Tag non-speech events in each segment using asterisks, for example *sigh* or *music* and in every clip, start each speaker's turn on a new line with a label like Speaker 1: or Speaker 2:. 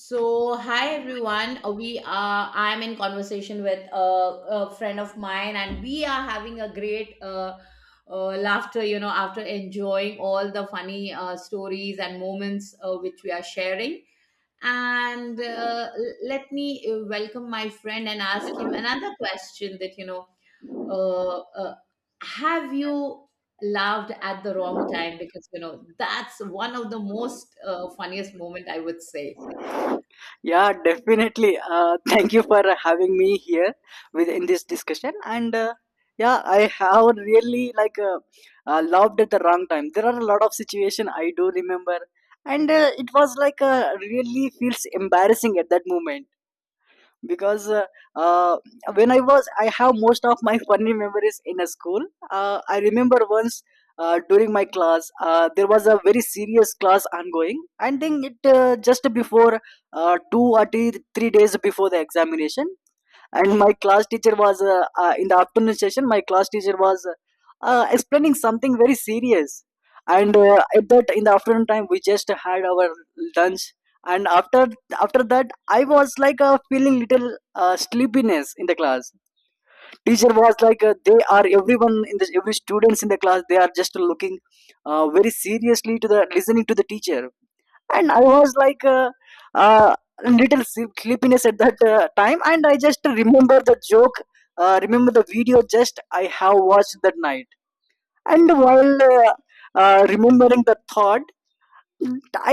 Speaker 1: So, hi everyone. We are. I'm in conversation with a friend of mine, and we are having a great laughter. You know, after enjoying all the funny stories and moments which we are sharing. Let me welcome my friend and ask him another question. Uh, uh, have you laughed at the wrong time? Because you know that's one of the most funniest moment, I would say.
Speaker 2: Yeah, definitely. *laughs* Thank you for having me here with in this discussion. And yeah, I have really like loved at the wrong time. There are a lot of situation I do remember, and it was like really feels embarrassing at that moment because uh, when I have most of my funny memories in a school. I remember once during my class, there was a very serious class ongoing, and then it just before two or three days before the examination. And my class teacher was in the afternoon session my class teacher was explaining something very serious, and at that in the afternoon time we just had our lunch, and after that I was like feeling little sleepiness in the class. Teacher was like they are everyone in this every students in the class they are just looking very seriously to the listening to the teacher, and I was like uh, little sleepiness at that time, and I just remember the joke, remember the video just I have watched that night. And while remembering the thought,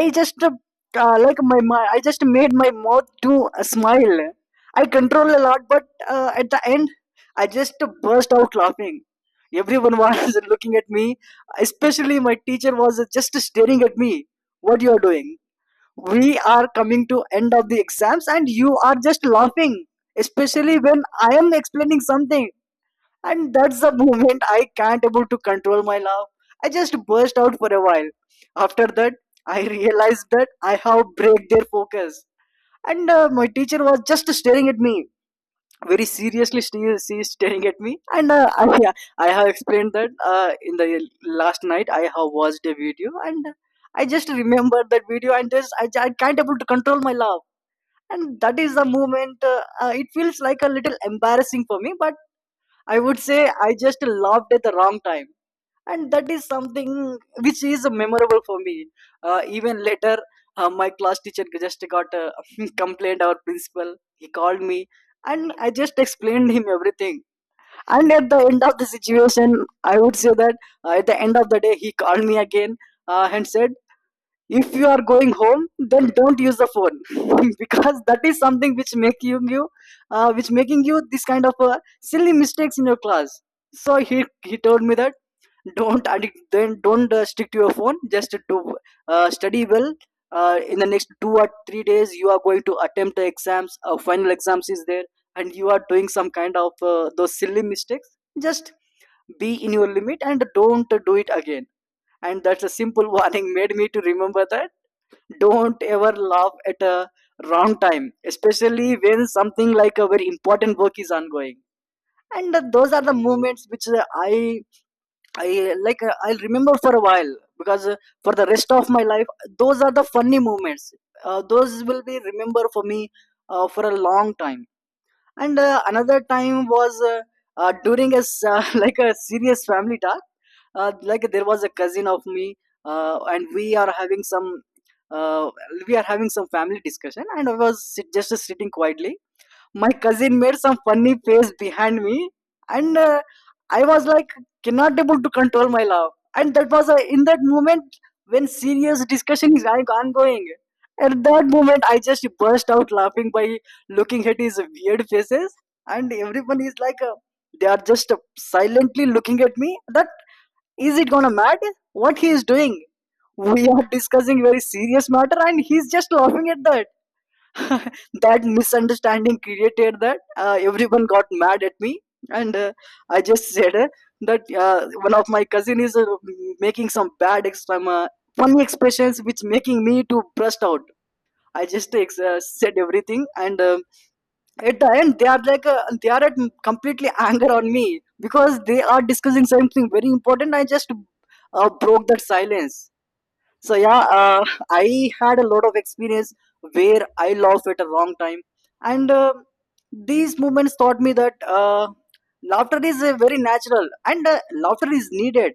Speaker 2: I just like my I just made my mouth to smile. I control a lot, but at the end I just burst out laughing. Everyone was *laughs* looking at me, especially my teacher was just staring at me, what you are doing, we are coming to end of the exams and you are just laughing, especially when I am explaining something. And that's the *laughs* moment I can't able to control my laugh. I just burst out for a while. After that I realized that I have break their focus, and my teacher was just staring at me very seriously. She is staring at me, and *laughs* yeah, I have explained that in the last night I have watched a video, and I just remembered that video, and just I can't able to control my laugh. And that is the moment it feels like a little embarrassing for me, but I would say I just laughed at the wrong time, and that is something which is memorable for me. Even later, my class teacher just got a *laughs* complaint, our principal he called me and I just explained him everything. And at the end of the situation I would say that, at the end of the day he called me again, and said, if you are going home then don't use the phone, *laughs* because that is something which making you, which making you this kind of silly mistakes in your class. So he told me that, don't addict, then don't stick to your phone, just do study well. In the next 2 or 3 days you are going to attempt the exams, final exams is there, and you are doing some kind of those silly mistakes. Just be in your limit and don't do it again. And that's a simple *laughs* warning made me to remember that, don't ever laugh at a wrong time, especially when something like a very important work is ongoing. And those are the moments which I like, I'll remember for a while, because for the rest of my life, those are the funny moments. Those will be remember for me for a long time. And another time was during a *laughs* like a serious family talk. Like there was a cousin of me, and we are having some, uh, we are having some family discussion, and I was just sitting quietly. My cousin made some funny face behind me, and I was like, cannot able to control my laugh. And that was in that moment when serious discussion is ongoing. At that moment, I just burst out laughing by looking at his weird faces, and everyone is like, they are just silently looking at me, that is it gonna matter what he is doing? We are discussing very serious matter, and he's just laughing at that. *laughs* That misunderstanding created that, everyone got mad at me, and I just said that, one of my cousin is making some some, funny expressions which making me to burst out. I just said everything, and at the end they are like, they are at completely anger on me, because they are discussing something very important, I just broke that silence. So yeah, I had a lot of experience where I laughed at a wrong time, and these moments taught me that laughter is very natural, and laughter is needed,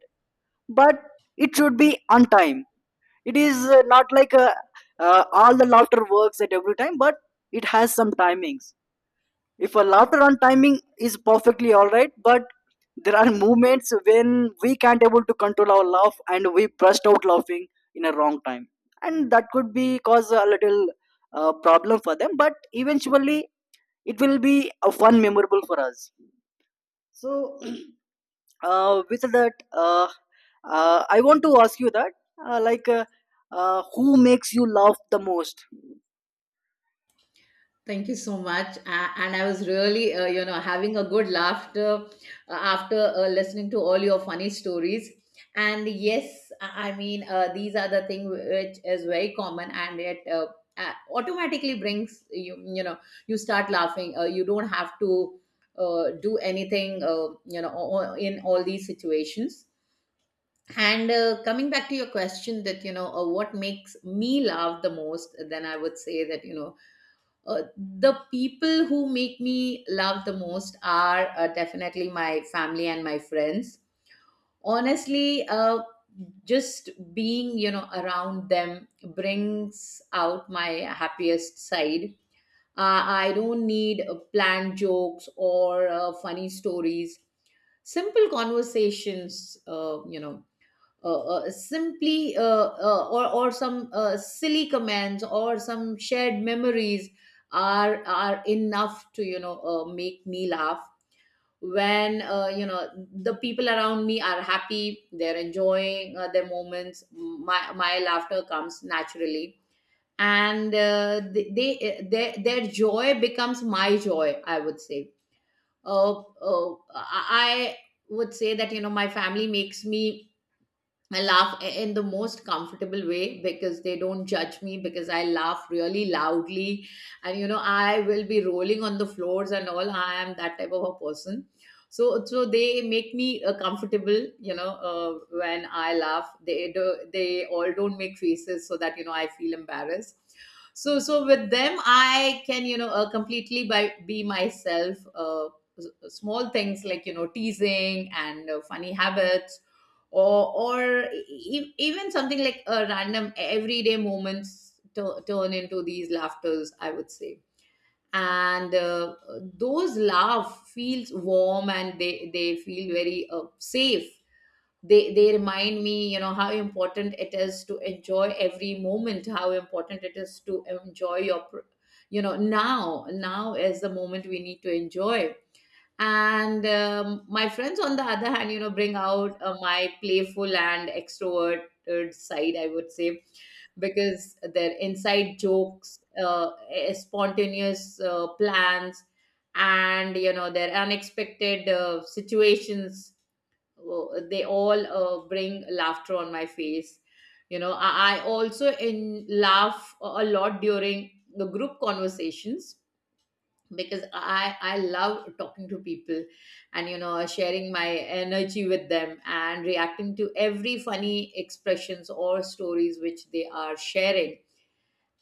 Speaker 2: but it should be on time. It is not like, all the laughter works at every time, but it has some timings. If a laughter on timing is perfectly all right, but there are moments when we can't able to control our laugh and we burst out laughing in a wrong time, and that could be cause a little problem for them, but eventually it will be a fun memorable for us. So *clears throat* with that, I want to ask you that, like, who makes you laugh the most?
Speaker 1: Thank you so much. And I was really, you know, having a good laughter after listening to all your funny stories. And yes, I mean, these are the thing which is very common, and it automatically brings you, you know, you start laughing. You don't have to do anything, in all these situations. And coming back to your question, that you know, what makes me laugh the most, then I would say that, you know, uh, the people who make me laugh the most are definitely my family and my friends. Honestly, just being, you know, around them brings out my happiest side. I don't need planned jokes or funny stories. Simple conversations, you know simply or some silly commands or some shared memories are enough to, you know, make me laugh. When you know, the people around me are happy, they're enjoying their moments, my laughter comes naturally. And they, their joy becomes my joy, I would say. uh, uh, i I would say that, you know, my family makes me I laugh in the most comfortable way because they don't judge me, because I laugh really loudly and, you know, I will be rolling on the floors and all. I am that type of a person. So they make me comfortable, you know. When I laugh, they all don't make faces so that, you know, I feel embarrassed. So with them I can, you know, completely be myself. S- Small things like, you know, teasing and funny habits or even something like a random everyday moments turn into these laughters, I would say. And those laugh feels warm and they feel very safe. They remind me, you know, how important it is to enjoy every moment, how important it is to enjoy your you know, now is the moment we need to enjoy. And my friends, on the other hand, you know, bring out my playful and extroverted side, I would say, because their inside jokes, spontaneous plans, and, you know, their unexpected situations, uh, they all bring laughter on my face. You know, I also in laugh a lot during the group conversations, because I love talking to people and, you know, sharing my energy with them and reacting to every funny expressions or stories which they are sharing.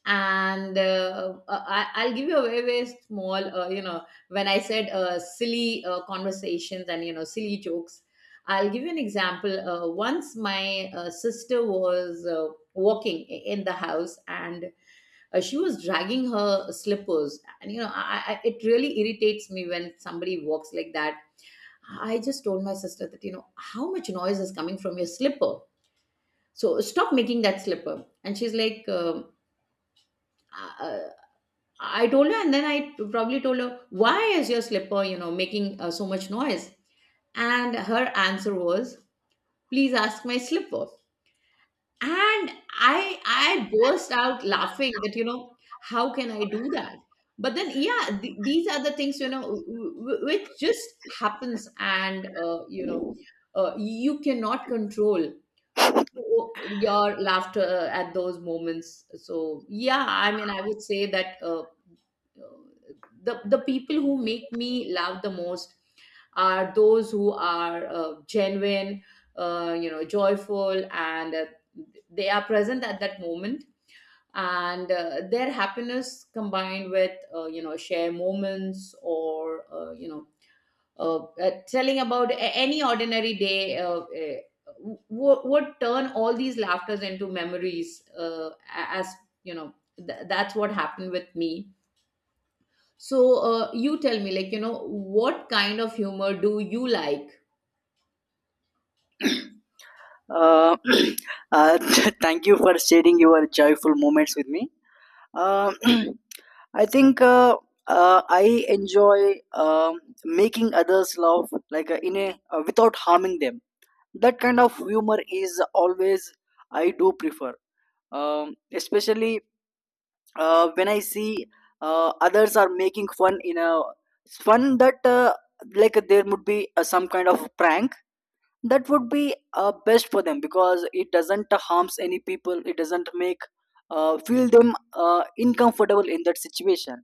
Speaker 1: And I'll give you a very very small, you know, when I said silly conversations and, you know, silly jokes, I'll give you an example. Once my sister was walking in the house and she was dragging her slippers, and you know, it really irritates me when somebody walks like that. I just told my sister that, you know, how much noise is coming from your slipper, so stop making that slipper. And she's like, uh, uh, I told her, and then I probably told her, why is your slipper, you know, making so much noise? And her answer was, please ask my slipper. And I burst out laughing that, you know, how can I do that? But then, yeah, these are the things, you know, which just happens, and you cannot control your laughter at those moments. So yeah, I mean, I would say that the people who make me laugh the most are those who are genuine, you know, joyful, and they are present at that moment. And their happiness combined with, you know, share moments, or, you know, telling about any ordinary day would turn all these laughters into memories, as you know, that's what happened with me. So you tell me, like, you know, what kind of humor do you like?
Speaker 2: uh, *clears throat* uh, *laughs* thank you for sharing your joyful moments with me. Um, *clears throat* I think, I enjoy making others laugh, like in a, without harming them. That kind of humor is always I do prefer, especially when I see others are making fun in a fun that, like there would be some kind of prank. That would be best for them, because it doesn't harms any people, it doesn't make feel them uncomfortable in that situation,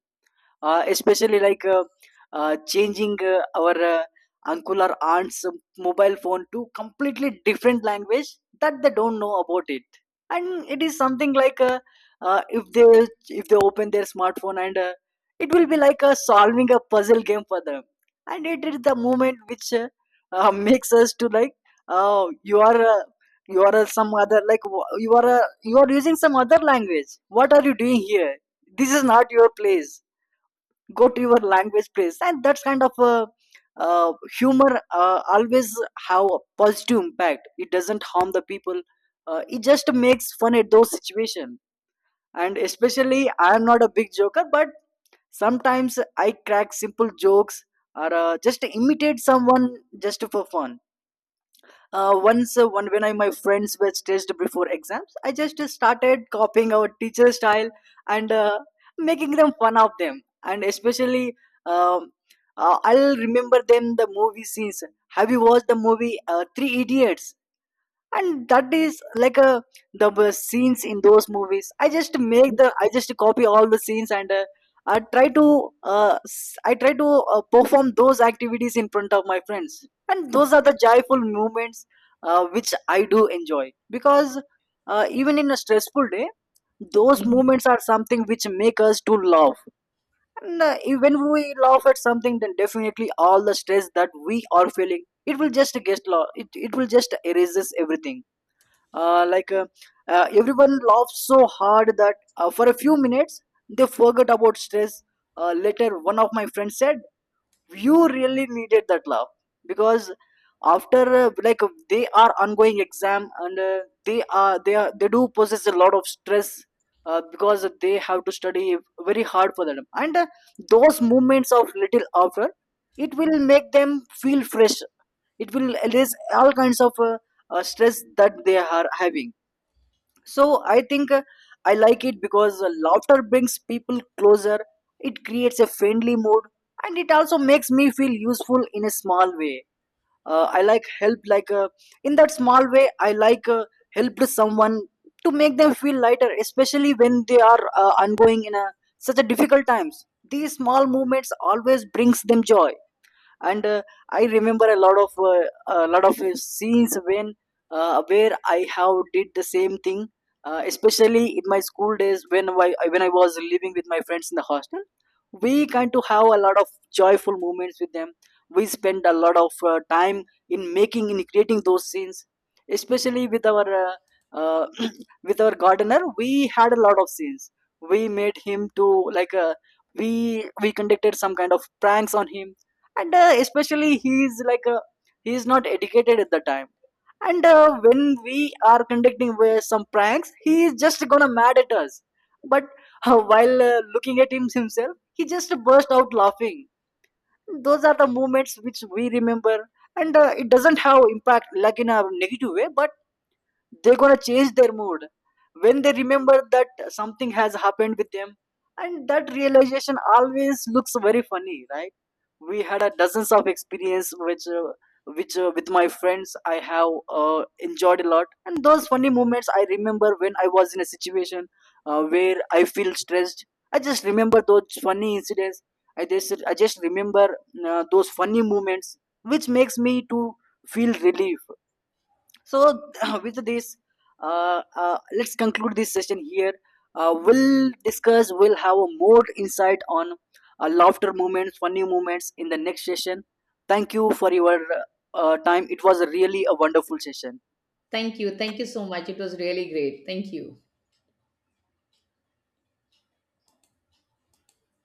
Speaker 2: especially like, changing our uncle or aunt's mobile phone to completely different language that they don't know about it. And it is something like, uh, if they if they open their smartphone, and it will be like solving a puzzle game for them. And it is the moment which, *laughs* makes us to like, you are, you are, some other like you are, you are using some other language, what are you doing here, this is not your place, go to your language please. And that's kind of, uh, humor always have a positive impact, it doesn't harm the people, it just makes fun at those situations. And especially, I am not a big joker, but sometimes I crack simple jokes or just imitate someone just for fun. Once, one when I my friends were stressed before exams, I just started copying our teacher style, and making them fun of them. And especially, um, I'll remember them the movie scenes. Have you watched the movie Three Idiots? And that is like a, the scenes in those movies, I just copy all the scenes, and I try to, I try to perform those activities in front of my friends. And those are the joyful moments which I do enjoy, because even in a stressful day those
Speaker 1: Mhm.
Speaker 2: moments are something which make us to laugh. And when we laugh at something then definitely all the stress that we are feeling, it will just it will just erases everything. Like, everyone laughs so hard that, for a few minutes they forget about stress. Later one of my friends said, you really needed that love, because after, like, they are ongoing exam, and they are they do possess a lot of stress, because they have to study very hard for them. And those moments of little after, it will make them feel fresh, it will erase all kinds of, stress that they are having. So I think, I like it because laughter brings people closer, it creates a friendly mood, and it also makes me feel useful in a small way. I like help, like, in that small way, I like help to someone to make them feel lighter, especially when they are ongoing in a, such a difficult times. These small movements always brings them joy. And I remember a lot of, a lot of scenes when, where I have did the same thing, especially in my school days, when when I was living with my friends in the hostel, we kind to have a lot of joyful moments with them. We spend a lot of time in making, in creating those scenes, especially with our, uh, *clears throat* with our gardener we had a lot of scenes. We made him to like, we conducted some kind of pranks on him. And especially he is like a, he is not educated at the time, and when we are conducting some pranks he is just gonna mad at us. But while looking at him himself he just burst out laughing. Those are the moments which we remember. And it doesn't have impact like in a negative way, but they're gonna change their mood when they remember that something has happened with them, and that realization always looks very funny, right? We had a dozens of experience which, which with my friends I have enjoyed a lot. And those funny moments I remember, when I was in a situation where I feel stressed, I just remember those funny incidents, I just I just remember those funny moments, which makes me to feel relief. So *clears throat* with this, let's conclude this session here. We'll have a more insight on laughter moments, funny moments in the next session. Thank you for your time, it was really a wonderful session.
Speaker 1: Thank you, thank you so much, it was really great. Thank you.